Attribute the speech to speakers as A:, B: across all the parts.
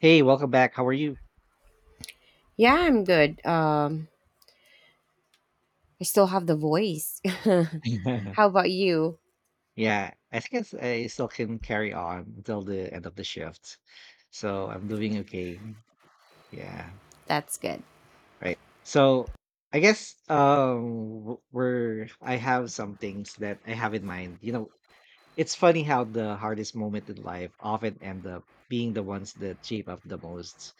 A: Hey, welcome back. How are you?
B: Yeah, I'm good. I still have the voice. How about you?
A: Yeah, I think I still can carry on until the end of the shift. So I'm doing okay. Yeah,
B: That's good.
A: right. So I guess w- we're I have some things that I have in mind. You know, it's funny how the hardest moment in life often end up being the ones that shape up the most.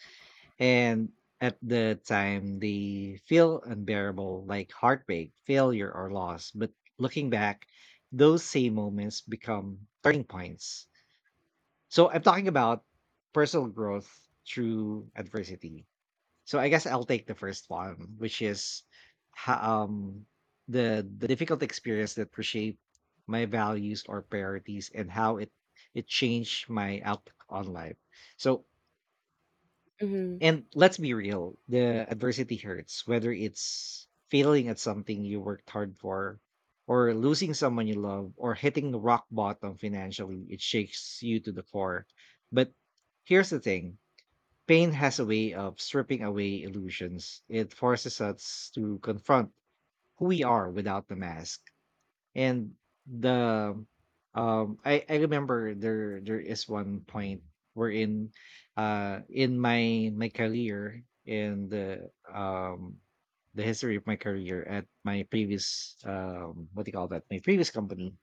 A: And at the time, they feel unbearable, like heartbreak, failure, or loss. But looking back, those same moments become turning points. So I'm talking about personal growth through adversity. So I guess I'll take the first one, which is ho- um, the difficult experience that reshaped my values or priorities and how it changed my outlook on life. So
B: Mhm.
A: and let's be real, the adversity hurts, whether it's failing at something you worked hard for, or losing someone you love, or hitting the rock bottom financially, it shakes you to the core. But here's the thing, pain has a way of stripping away illusions, it forces us to confront who we are without the mask. And the I remember there is one point wherein in my career, in the history of my career at my previous, what do you call that, my previous company.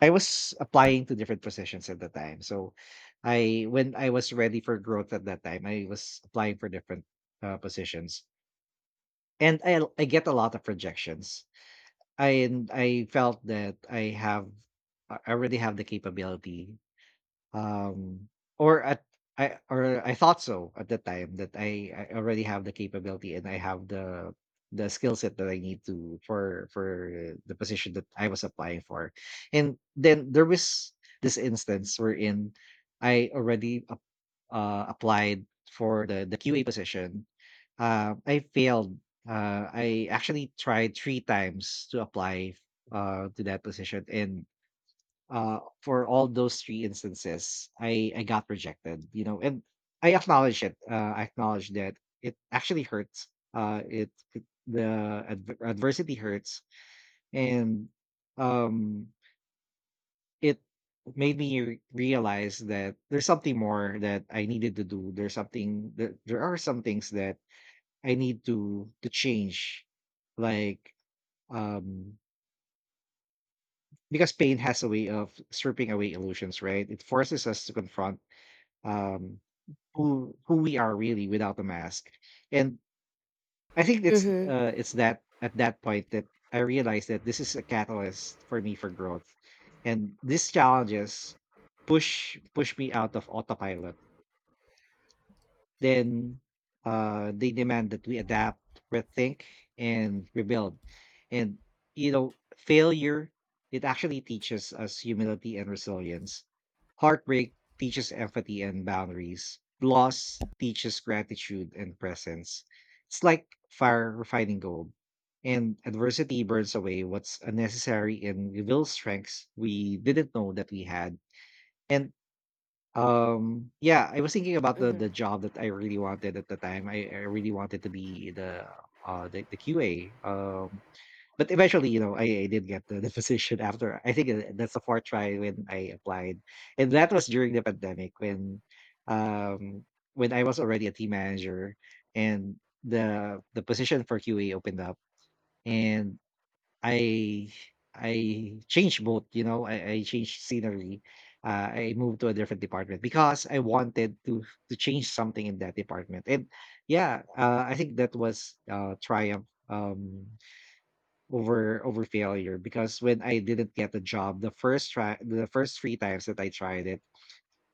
A: I was applying to different positions at the time. So I, when I was ready for growth at that time, I was applying for different positions, and I get a lot of rejections. And I felt that I have, I already have the capability, um, or at, I, or I thought so at the time, that I already have the capability and I have the skill set that I need to, for the position that I was applying for. And then there was this instance wherein I already applied for the QA position. I failed. I actually tried 3 times to apply to that position, and for all those 3 instances, I got rejected. You know, and I acknowledge it. I acknowledge that it actually hurts. It, it the adversity hurts, and um it made me realize that there's something more that I needed to do. There's something that, there are some things that I need to change, like, um because pain has a way of stripping away illusions, right? It forces us to confront um who we are really without the mask. And I think it's
B: Mhm.
A: uh it's that at that point that I realized that this is a catalyst for me for growth. And these challenges push me out of autopilot. Then they demand that we adapt, rethink, and rebuild. And you know, failure, it actually teaches us humility and resilience. Heartbreak teaches empathy and boundaries. Loss teaches gratitude and presence. It's like fire refining gold. And adversity burns away what's unnecessary and reveals strengths we didn't know that we had. And yeah, I was thinking about the
B: Mhm.
A: job that I really wanted at the time. I really wanted to be the the QA. But eventually, you know, I did get the the position after. I think that's the fourth try when I applied, and that was during the pandemic um, when I was already a team manager, and the position for QA opened up, and I, changed both, you know, I changed scenery. I moved to a different department because I wanted to change something in that department. And yeah, I think that was triumph, over failure. Because when I didn't get a job, the first try, the first three times that I tried it,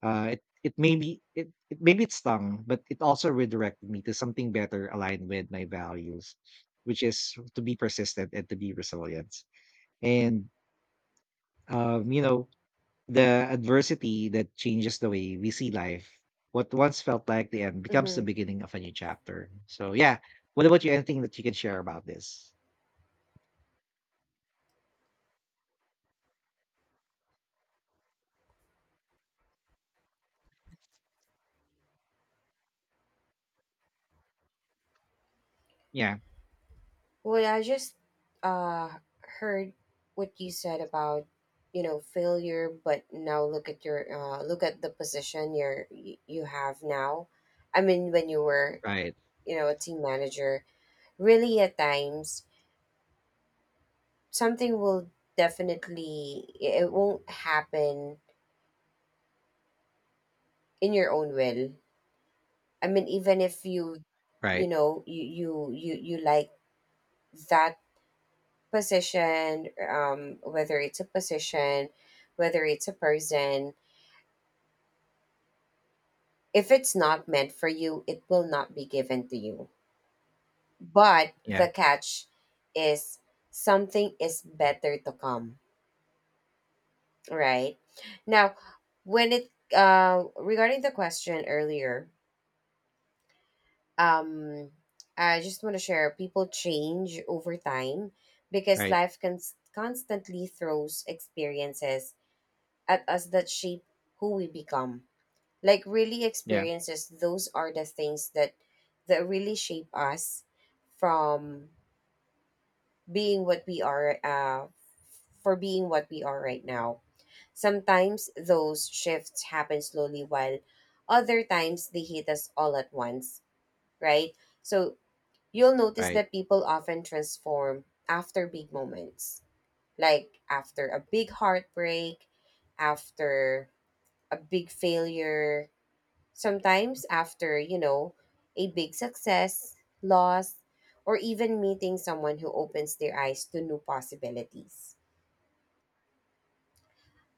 A: it maybe it maybe it stung, but it also redirected me to something better aligned with my values, which is to be persistent and to be resilient. And, you know, the adversity that changes the way we see life, what once felt like the end becomes the
B: Mhm.
A: beginning of a new chapter. So, yeah. What about you? Anything that you can share about this? Yeah.
B: Well, I just uh heard what you said about you know failure, but now look at your look at the position you have now. I mean, when you were
A: Right.
B: you know a team manager, really at times something will definitely it won't happen in your own will. I mean, even if you, you
A: Right.
B: know, you like that position, whether it's a position, whether it's a person, if it's not meant for you, it will not be given to you. But
A: Yeah.
B: the catch is something is better to come, right? Now, when it regarding the question earlier, um, I just want to share people change over time because
A: Right.
B: life can constantly throws experiences at us that shape who we become, like really
A: Yeah.
B: experiences, those are the things that really shape us from being what we are for being what we are right now. Sometimes those shifts happen slowly while other times they hit us all at once, right? So you'll notice
A: Right.
B: that people often transform after big moments, like after a big heartbreak, after a big failure, sometimes after, you know, a big success, loss, or even meeting someone who opens their eyes to new possibilities.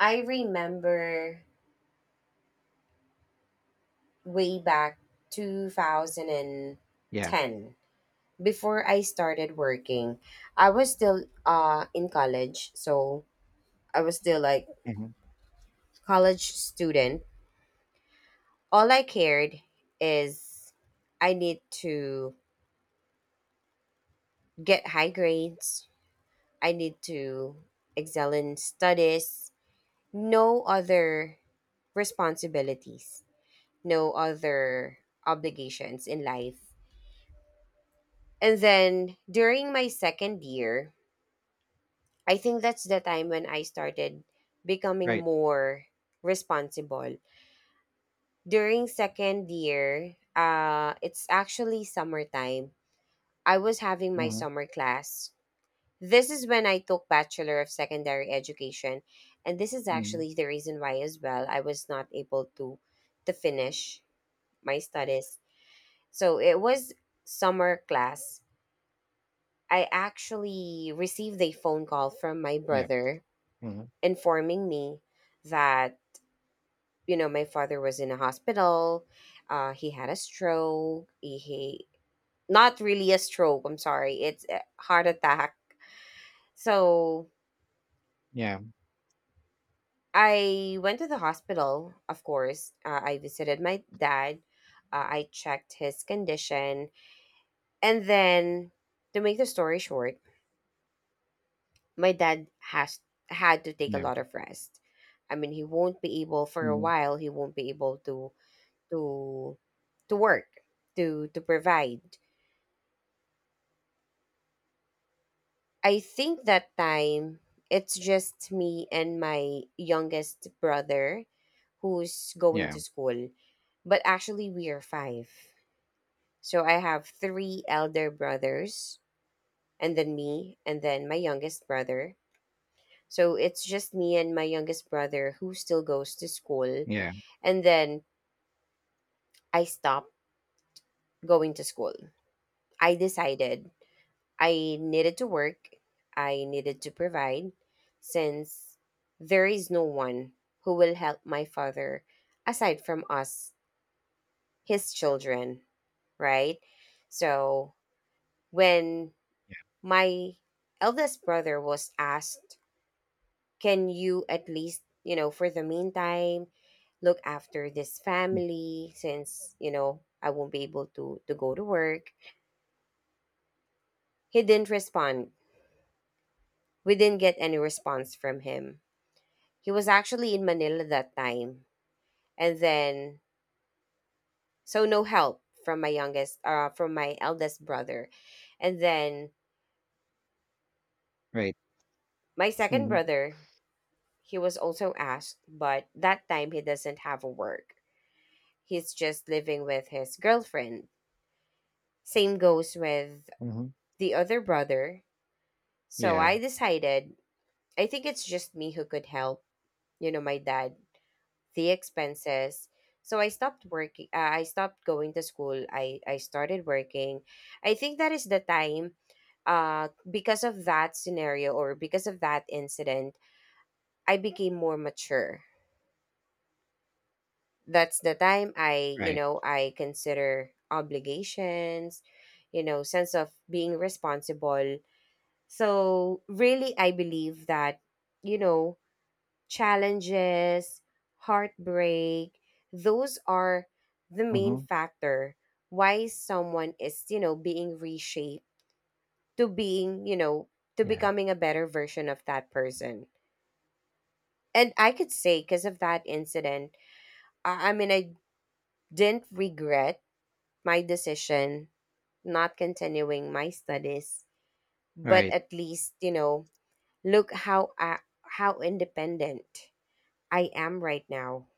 B: I remember way back 2010,
A: Yeah.
B: before I started working, I was still in college, so I was still like
A: Hmm.
B: college student. All I cared is I need to get high grades. I need to excel in studies. No other responsibilities. No other obligations in life. And then during my second year, I think that's the time when I started becoming
A: Right.
B: more responsible. During second year, it's actually summertime. I was having my
A: Hmm.
B: summer class. This is when I took Bachelor of Secondary Education, and this is
A: Hmm.
B: actually the reason why as well I was not able to finish my studies. So it was summer class. I actually received a phone call from my
A: Yeah.
B: brother
A: Hmm.
B: informing me that you know my father was in a hospital. He had a stroke. He not really a stroke. I'm sorry. It's a heart attack. So
A: Yeah.
B: I went to the hospital, of course. I visited my dad. I checked his condition. And then, to make the story short, my dad has had to take a
A: Yeah.
B: lot of rest. I mean, he won't be able for a
A: Hmm.
B: while. He won't be able to to work to provide. I think that time it's just me and my youngest brother who's going
A: Yeah.
B: to school, but actually we are five. So I have three elder brothers, and then me, and then my youngest brother. So it's just me and my youngest brother who still goes to school.
A: Yeah.
B: And then I stopped going to school. I decided I needed to work, I needed to provide, since there is no one who will help my father aside from us, his children, right? So when
A: Yeah.
B: my eldest brother was asked, "Can you at least, you know, for the meantime, look after this family since, you know, I won't be able to go to work?" He didn't respond. We didn't get any response from him. He was actually in Manila that time. And then so no help from my eldest brother. And then
A: Right.
B: my second
A: Hmm.
B: brother, he was also asked, but that time he doesn't have a work. He's just living with his girlfriend. Same goes with
A: Hmm.
B: the other brother. So
A: Yeah.
B: I decided, I think it's just me who could help, you know, my dad, the expenses. So I stopped working. I stopped going to school. I started working. I think that is the time, because of that scenario or because of that incident, I became more mature. That's the time you
A: Right.
B: know, I consider obligations, you know, sense of being responsible. So really I believe that, you know, challenges, heartbreak, those are the main
A: Hmm.
B: factor why someone is, you know, being reshaped to being, you know, to
A: Yeah.
B: becoming a better version of that person. And I could say because of that incident, I mean I didn't regret my decision not continuing my studies, but
A: Right.
B: at least you know look how I, how independent I am right now,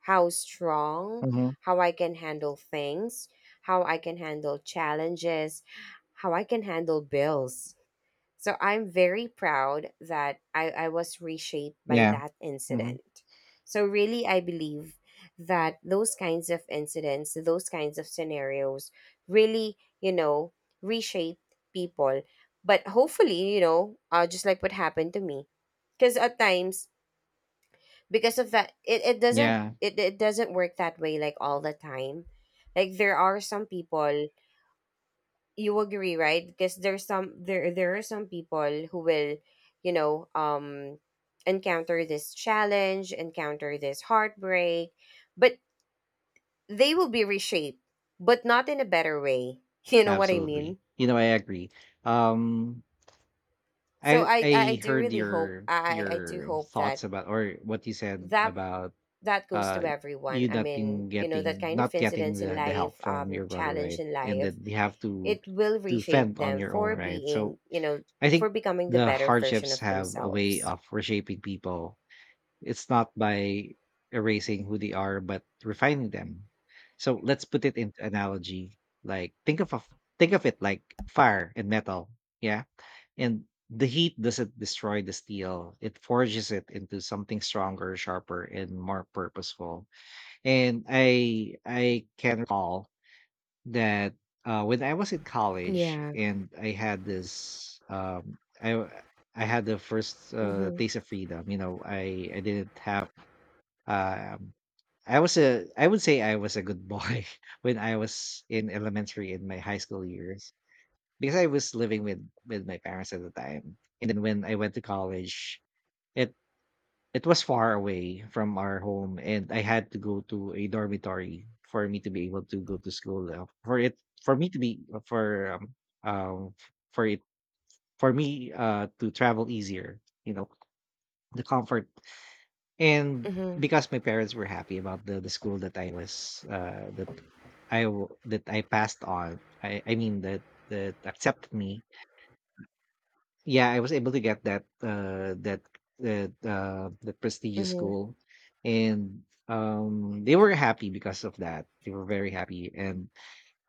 B: how strong,
A: Hmm.
B: how I can handle things, how I can handle challenges, how I can handle bills, so I'm very proud that I was reshaped by
A: Yeah.
B: that
A: Hmm.
B: incident. So really I believe that those kinds of incidents, those kinds of scenarios really, you know, reshape people. But hopefully, you know, just like what happened to me. Because at times, because of that,
A: Yeah.
B: it doesn't work that way like all the time. Like there are some people you agree right, because there there are some people who will you know encounter this challenge, encounter this heartbreak, but they will be reshaped, but not in a better way. You know what I
A: Absolutely.
B: mean,
A: You know, I agree. Um,
B: so
A: I
B: I
A: I
B: do
A: heard
B: really hope i do
A: your
B: hope
A: thoughts
B: that
A: about, or what you said
B: that
A: about,
B: that goes
A: uh
B: to everyone.
A: you
B: I
A: not
B: mean
A: in
B: you know that
A: getting,
B: kind of
A: not getting
B: incidents in
A: the
B: life,
A: help from
B: um,
A: your brother,
B: challenge
A: right?
B: in
A: And that
B: life,
A: you have
B: it will
A: to
B: reshape
A: fend on
B: them
A: your own,
B: for
A: right? So
B: being you know
A: I
B: for
A: think
B: becoming the
A: the
B: better version
A: hardships
B: of
A: have a way
B: themselves.
A: of reshaping people. It's not by erasing who they are, but refining them. So let's put it into analogy. Like think of a, think of it like fire and metal. Yeah. And the heat doesn't destroy the steel. It forges it into something stronger, sharper, and more purposeful. And I can recall that, when I was in college
B: Yeah.
A: and I had this I had the first
B: Mhm.
A: taste of freedom. You know, I didn't have, um, I would say I was a good boy when I was in elementary, in my high school years, because I was living with my parents at the time. And then when I went to college, it it was far away from our home and I had to go to a dormitory for me to be able to go to school, for it for me to be um for it for me to travel easier, you know, the comfort. And
B: Mhm.
A: because my parents were happy about the school that I was that I w- that I passed on. I mean that that accepted me. Yeah, I was able to get that that prestigious
B: Mhm.
A: school, and they were happy because of that. They were very happy. And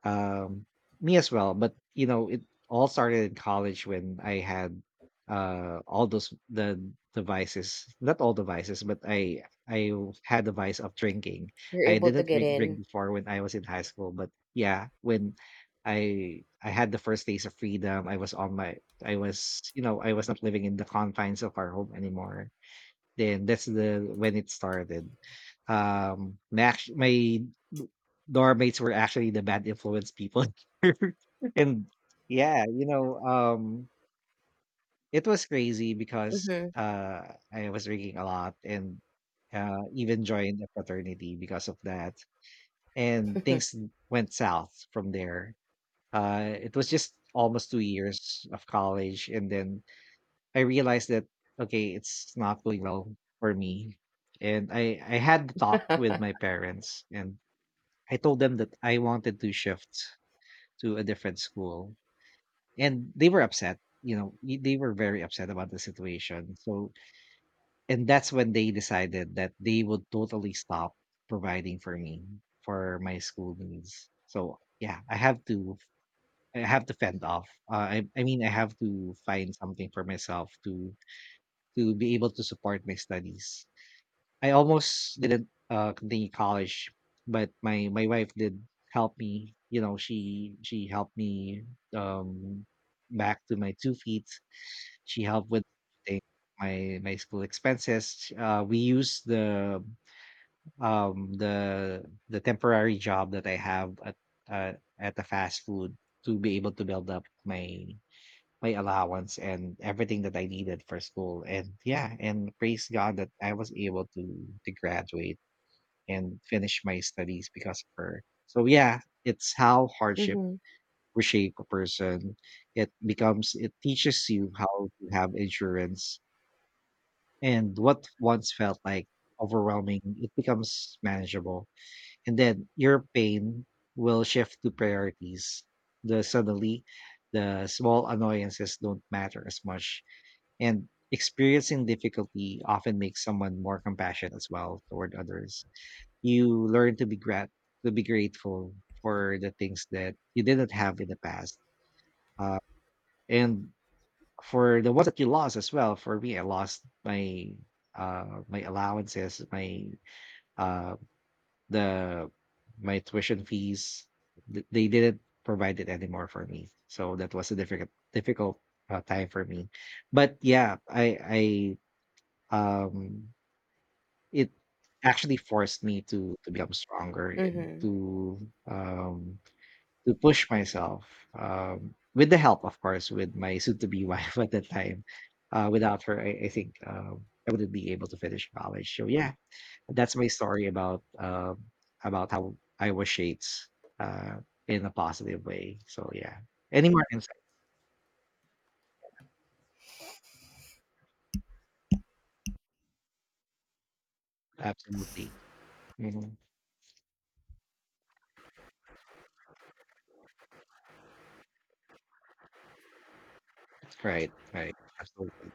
A: um, me as well, but you know, it all started in college when I had all those the devices, not all devices, but I had the vice of drinking.
B: You're
A: I
B: able to
A: didn't
B: get
A: drink
B: in.
A: before when I was in high school, but yeah, when I had the first days of freedom, I was on my, I was, you know, I was not living in the confines of our home anymore, then that's the when it started. My dorm mates were actually the bad influence people, and yeah, you know, it was crazy because
B: Mhm.
A: I was drinking a lot and even joined a fraternity because of that. And things went south from there. It was just almost two years of college, and then I realized that okay, it's not going well for me. And I had the talk with my parents and I told them that I wanted to shift to a different school. And they were upset, you know, they were very upset about the situation. So and that's when they decided that they would totally stop providing for me for my school needs. So yeah, I have to, I have to fend off. I mean I have to find something for myself to be able to support my studies. I almost didn't continue college, but my wife did help me. You know, she helped me, um, back to my two feet. She helped with everything, my school expenses. We used the the temporary job that I have uh, at the fast food to be able to build up my allowance and everything that I needed for school. And yeah, and praise God that I was able to graduate and finish my studies because of her. So yeah, it's how hardship
B: Mhm.
A: reshape a person. It becomes, it teaches you how to have endurance, and what once felt like overwhelming, it becomes manageable. And then your pain will shift to priorities. The suddenly the small annoyances don't matter as much, and experiencing difficulty often makes someone more compassionate as well toward others. You learn to be grat to be grateful for the things that you didn't have in the past. Uh, and for the ones that you lost as well, for me, I lost my my allowances, uh the my tuition fees. They didn't provide it anymore for me. So that was a difficult time for me. But yeah, I It actually forced me to become stronger and
B: Mhm.
A: to to push myself with the help, of course, with my soon to be wife at that time. Without her, I wouldn't be able to finish college. So yeah, that's my story about how I was shaped uh in a positive way. So yeah, any more insight? Absolutely. Mhm. Right, right, absolutely.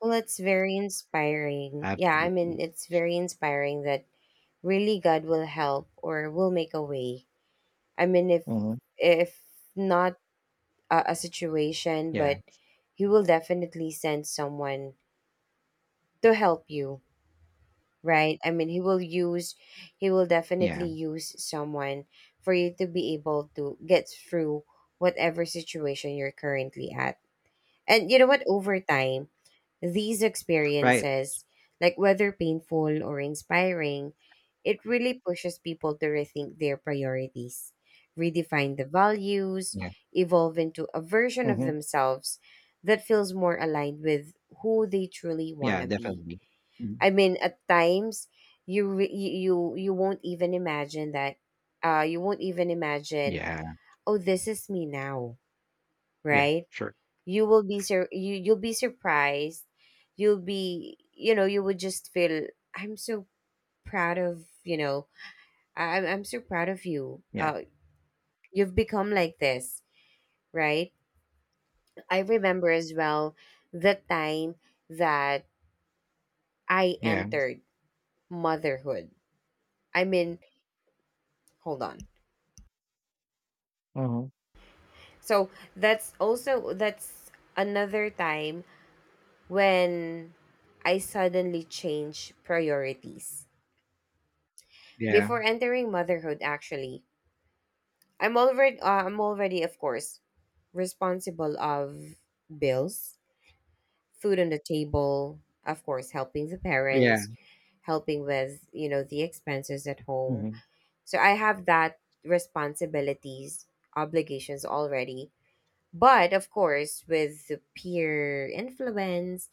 B: Well, it's very inspiring. Yeah, I
A: Absolutely.
B: mean, it's very inspiring that really God will help or will make a way. I mean,
A: Mhm.
B: if not a, a situation,
A: Yeah,
B: but He will definitely send someone to help you, right? I mean, he will definitely
A: yeah,
B: use someone for you to be able to get through whatever situation you're currently at. And you know what? Over time, these
A: right.
B: experiences, like whether painful or inspiring, it really pushes people to rethink their priorities, redefine the values, evolve into a version of
A: Mhm.
B: themselves that feels more aligned with who they truly want
A: Yeah,
B: to be.
A: definitely. Mm.
B: I mean, at times you re- you you won't even imagine that. You won't even imagine.
A: Yeah,
B: Oh, this is me now,
A: yeah,
B: right?
A: sure.
B: You you'll be surprised. You'll be, you know, you would just feel I'm so proud of, you know, I'm so proud of you.
A: Yeah,
B: You've become like this, right? I remember as well the time that I
A: yeah.
B: entered motherhood. I mean, hold on.
A: Uh huh.
B: So that's also that's another time when I suddenly change priorities.
A: Yeah,
B: Before entering motherhood actually, I'm already of course responsible of bills, food on the table, of course helping the
A: yeah.
B: parents, helping with, you know, the expenses at home.
A: Mhm.
B: So I have that responsibilities, obligations already. But of course, with the peer influence,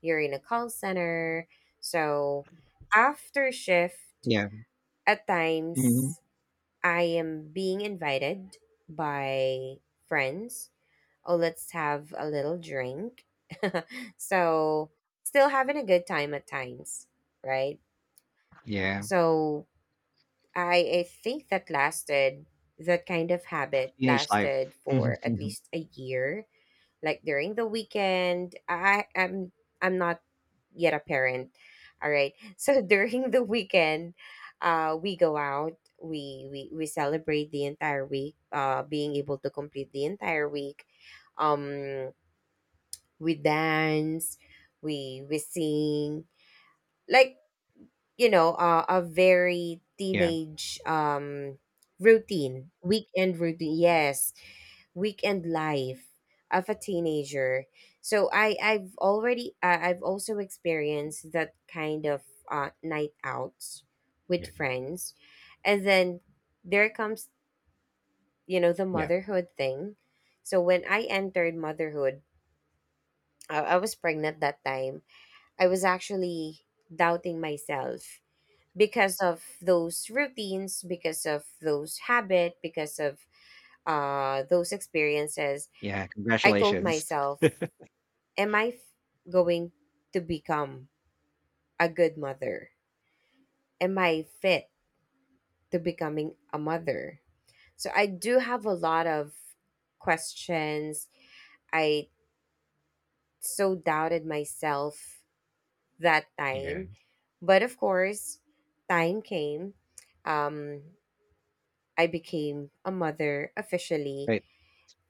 B: you're in a call center. So after shift,
A: Yeah.
B: at
A: Mhm.
B: times I am being invited by friends. Oh, let's have a little drink. So still having a good time at times, right?
A: Yeah.
B: So I think that lasted, that kind of habit
A: Teenage
B: lasted
A: life.
B: for at
A: Mhm.
B: least a year, like during the weekend. I'm not yet a parent. All right. So during the weekend, we go out. We celebrate the entire week, being able to complete the entire week. Um, we dance, we sing. Like you know, a very
A: Yeah.
B: teenage routine, weekend routine. Yes, weekend life of a teenager. So I I've already I've also experienced that kind of night outs with
A: Yeah,
B: friends. And then there comes, you know, the
A: yeah.
B: motherhood thing. So when I entered motherhood, I was pregnant that time. I was actually doubting myself because of those routines, because of those habit, because of those experiences,
A: Yeah,
B: I told
A: congratulations.
B: myself, am I f- going to become a good mother? Am I fit to becoming a mother? So I do have a lot of questions. I so doubted myself that
A: Yeah.
B: time. But of course, time came. Um, I became a mother officially
A: Right.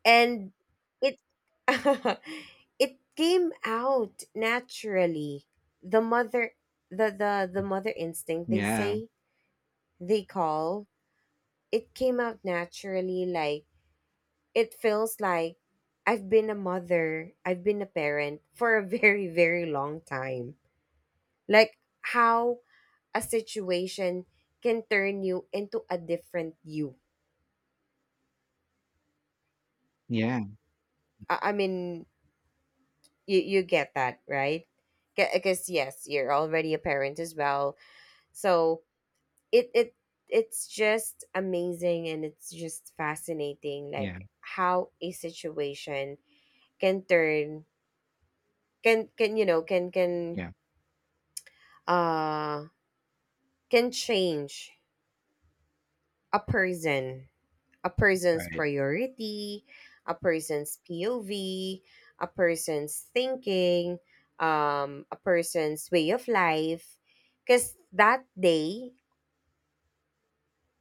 B: and it it came out naturally, the mother, the
A: Mm.
B: mother instinct they
A: Yeah,
B: say they call. It came out naturally, like it feels like I've been a parent for a very very long time, like how a situation can turn you into a different you.
A: yeah,
B: I mean you you get that right, because yes you're already a parent as well, so it it it's just amazing and it's just fascinating
A: yeah,
B: like how a situation can turn can you know
A: yeah.
B: uh can change a person, a person's
A: Right.
B: priority, a person's POV, a person's thinking, a person's way of life. Because that day,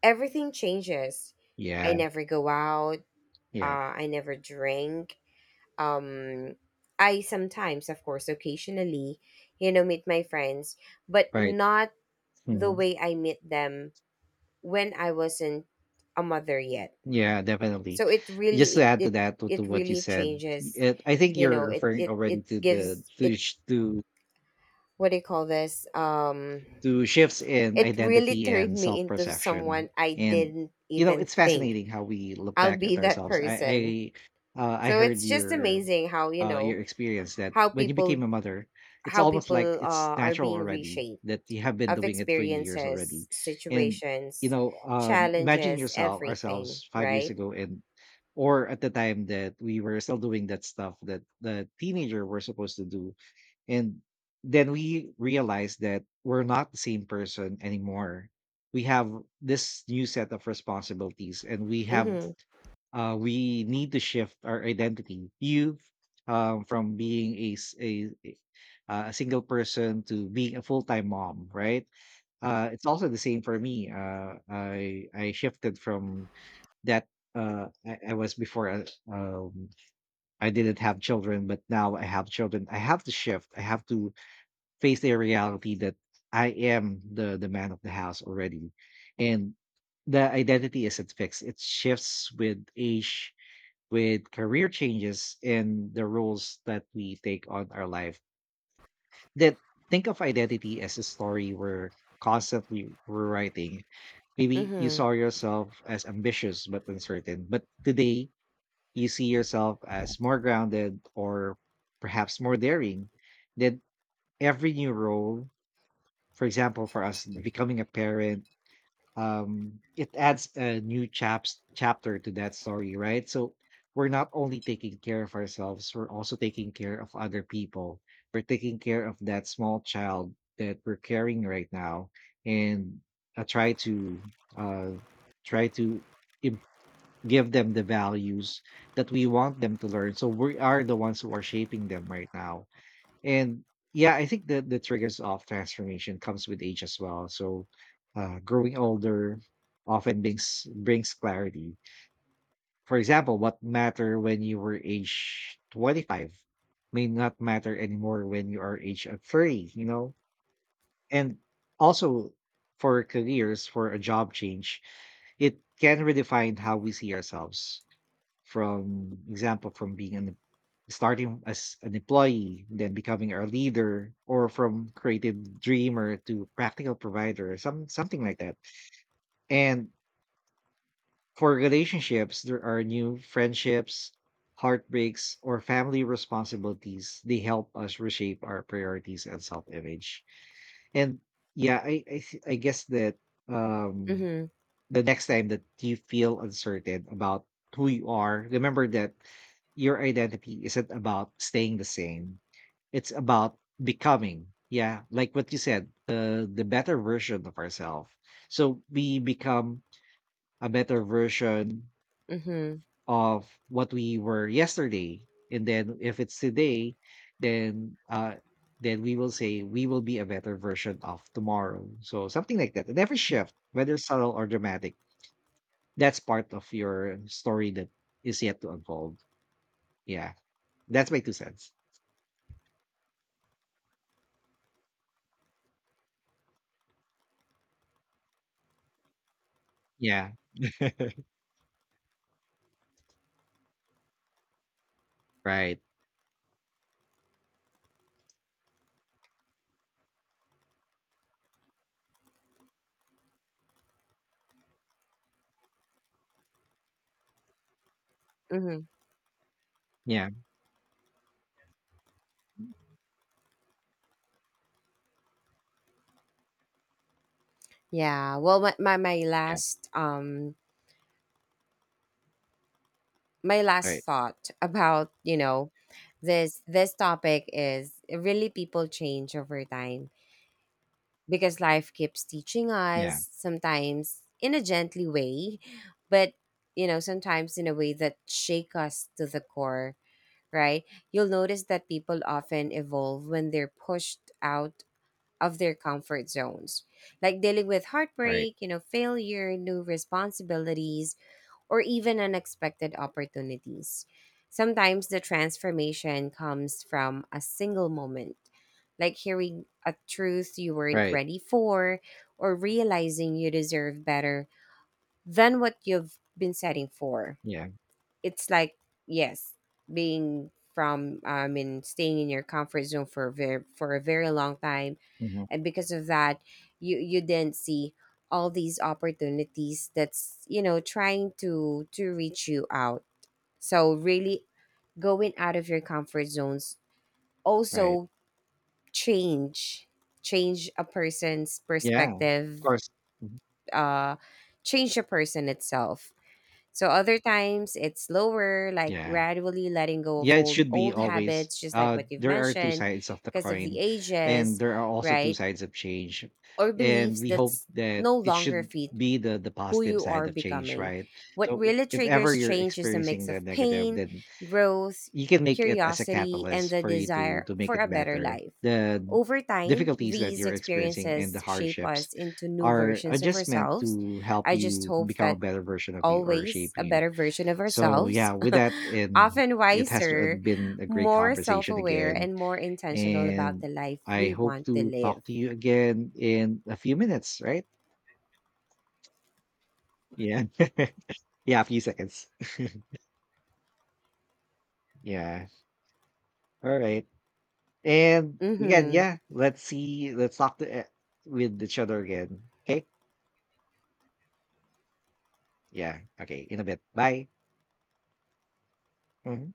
B: everything changes.
A: Yeah,
B: I never go out,
A: yeah.
B: I never drink. Um, I sometimes, of course, occasionally, you know, meet my friends, but
A: Right.
B: not the
A: Mhm.
B: way I meet them when I wasn't a mother yet.
A: Yeah, definitely.
B: So it
A: Just
B: really
A: to add to that, to
B: it
A: what you
B: really
A: said,
B: changes,
A: I think
B: you
A: you're
B: know,
A: referring already
B: it
A: to the
B: gives
A: to
B: it,
A: sh-
B: what do you call this, um,
A: to shifts in
B: it really
A: identity
B: turned
A: and
B: me
A: self
B: into
A: perception.
B: someone I
A: And
B: didn't
A: you know,
B: even
A: it's
B: think
A: fascinating how we look
B: I'll
A: back
B: be
A: at
B: that
A: ourselves.
B: person.
A: I
B: So
A: heard
B: it's just amazing how, you know,
A: your experience that
B: how
A: when you became
B: people,
A: a mother, it's almost like it's
B: are
A: natural
B: being
A: already
B: reshaped
A: that you have been
B: of
A: doing it for years already.
B: experiences,
A: And you
B: situations,
A: know, imagine
B: challenges,
A: yourself
B: everything,
A: ourselves 5 years
B: right?
A: ago, and or at the time that we were still doing that stuff that the teenager were supposed to do, and then we realize that we're not the same person anymore. We have this new set of responsibilities, and we have
B: Mm-hmm.
A: we need to shift our identity. You From being a single person to being a full time mom, right? It's also the same for me. I shifted from that. I was before. Um, I didn't have children, but now I have children. I have to shift. I have to face a reality that I am the man of the house already, and the identity isn't fixed. It shifts with age, with career changes, and the roles that we take on our life. That Think of identity as a story we're constantly rewriting. Maybe you
B: Mm-hmm.
A: saw yourself as ambitious but uncertain, but today you see yourself as more grounded or perhaps more daring. That every new role, for example, for us becoming a parent, it adds a new chaps chapter to that story, right? So we're not only taking care of ourselves, we're also taking care of other people. We're taking care of that small child that we're carrying right now, and I try to uh, try to im- give them the values that we want them to learn. So we are the ones who are shaping them right now, and yeah, I think the triggers of transformation comes with age as well. So growing older often brings clarity. For example, what matter when you were age 25 may not matter anymore when you are age of 30, you know. And also for careers, for a job change, it can redefine how we see ourselves. From being an starting as an employee, then becoming our leader, or from creative dreamer to practical provider, something like that. And for relationships, there are new friendships, heartbreaks, or family responsibilities. They help us reshape our priorities and self-image. And yeah, I guess that um
B: Mm-hmm.
A: the next time that you feel uncertain about who you are, remember that your identity isn't about staying the same. It's about becoming. Yeah, like what you said, the better version of ourselves. So we become a better version
B: Mm-hmm.
A: of what we were yesterday, and then if it's today, then uh, then we will say we will be a better version of tomorrow. So something like that. And every shift, whether subtle or dramatic, that's part of your story that is yet to unfold. Yeah. That's my 2 cents. Yeah. Right.
B: Mm-hmm.
A: Yeah. Mm.
B: Yeah. Well,
A: Yeah.
B: my last
A: Right.
B: thought about, you know, this topic is really people change over time because life keeps teaching
A: Yeah.
B: us sometimes in a gently way, but you know, sometimes in a way that shake us to the core, right? You'll notice that people often evolve when they're pushed out of their comfort zones. Like dealing with
A: Right.
B: heartbreak, you know, failure, new responsibilities, or even unexpected opportunities. Sometimes the transformation comes from a single moment, like hearing a truth you weren't
A: Right.
B: ready for, or realizing you deserve better than what you've been setting for.
A: Yeah.
B: It's like, yes, I mean, staying in your comfort zone for a very long time,
A: Mhm.
B: and because of that you didn't see all these opportunities that's you know trying to reach you out. So really going out of your comfort zones
A: Right.
B: also change change a person's
A: Yeah. Of
B: perspective,
A: course.
B: uh change the person itself. So other times it's lower, like
A: Yeah.
B: gradually letting go
A: Yeah,
B: of
A: it should be
B: old
A: always.
B: habits just like what you've
A: There are 2
B: mentioned,
A: sides of the
B: because of the
A: coin, and
B: ages,
A: there are also 2
B: right,
A: sides of change.
B: or
A: And
B: beliefs
A: we hope
B: that's
A: that
B: no
A: it
B: longer
A: should
B: fit
A: be the
B: who
A: positive
B: you
A: side
B: are
A: of change,
B: becoming.
A: right?
B: What
A: So I
B: really
A: If ever
B: triggers
A: you're
B: change is a
A: experiencing
B: mix
A: the
B: of
A: negative,
B: pain,
A: then
B: growth,
A: you can make it as a
B: curiosity, and
A: catalyst
B: the
A: for you to
B: desire
A: to make
B: for
A: it
B: a better
A: better.
B: life.
A: The
B: Over time,
A: difficulties that
B: these
A: you're experiencing and the
B: experiences shape
A: hardships
B: us into new
A: are
B: versions of
A: just meant
B: ourselves.
A: to help
B: I just
A: you
B: hope
A: become a
B: that
A: better version of you or
B: always
A: shape
B: a
A: you.
B: better version of
A: So yeah,
B: ourselves,
A: with that, and
B: often
A: it has
B: wiser,
A: been a great
B: more self
A: conversation
B: aware,
A: again.
B: and more intentional about
A: And
B: the life
A: I
B: we
A: hope
B: want to
A: to
B: live.
A: talk to you again in a few minutes, right? Yeah. Yeah, a few seconds. Yeah. All right. And again,
B: Mm-hmm.
A: yeah, let's see. Let's talk to, with each other again. Okay. Yeah. Okay. In a bit. Bye. Mhm.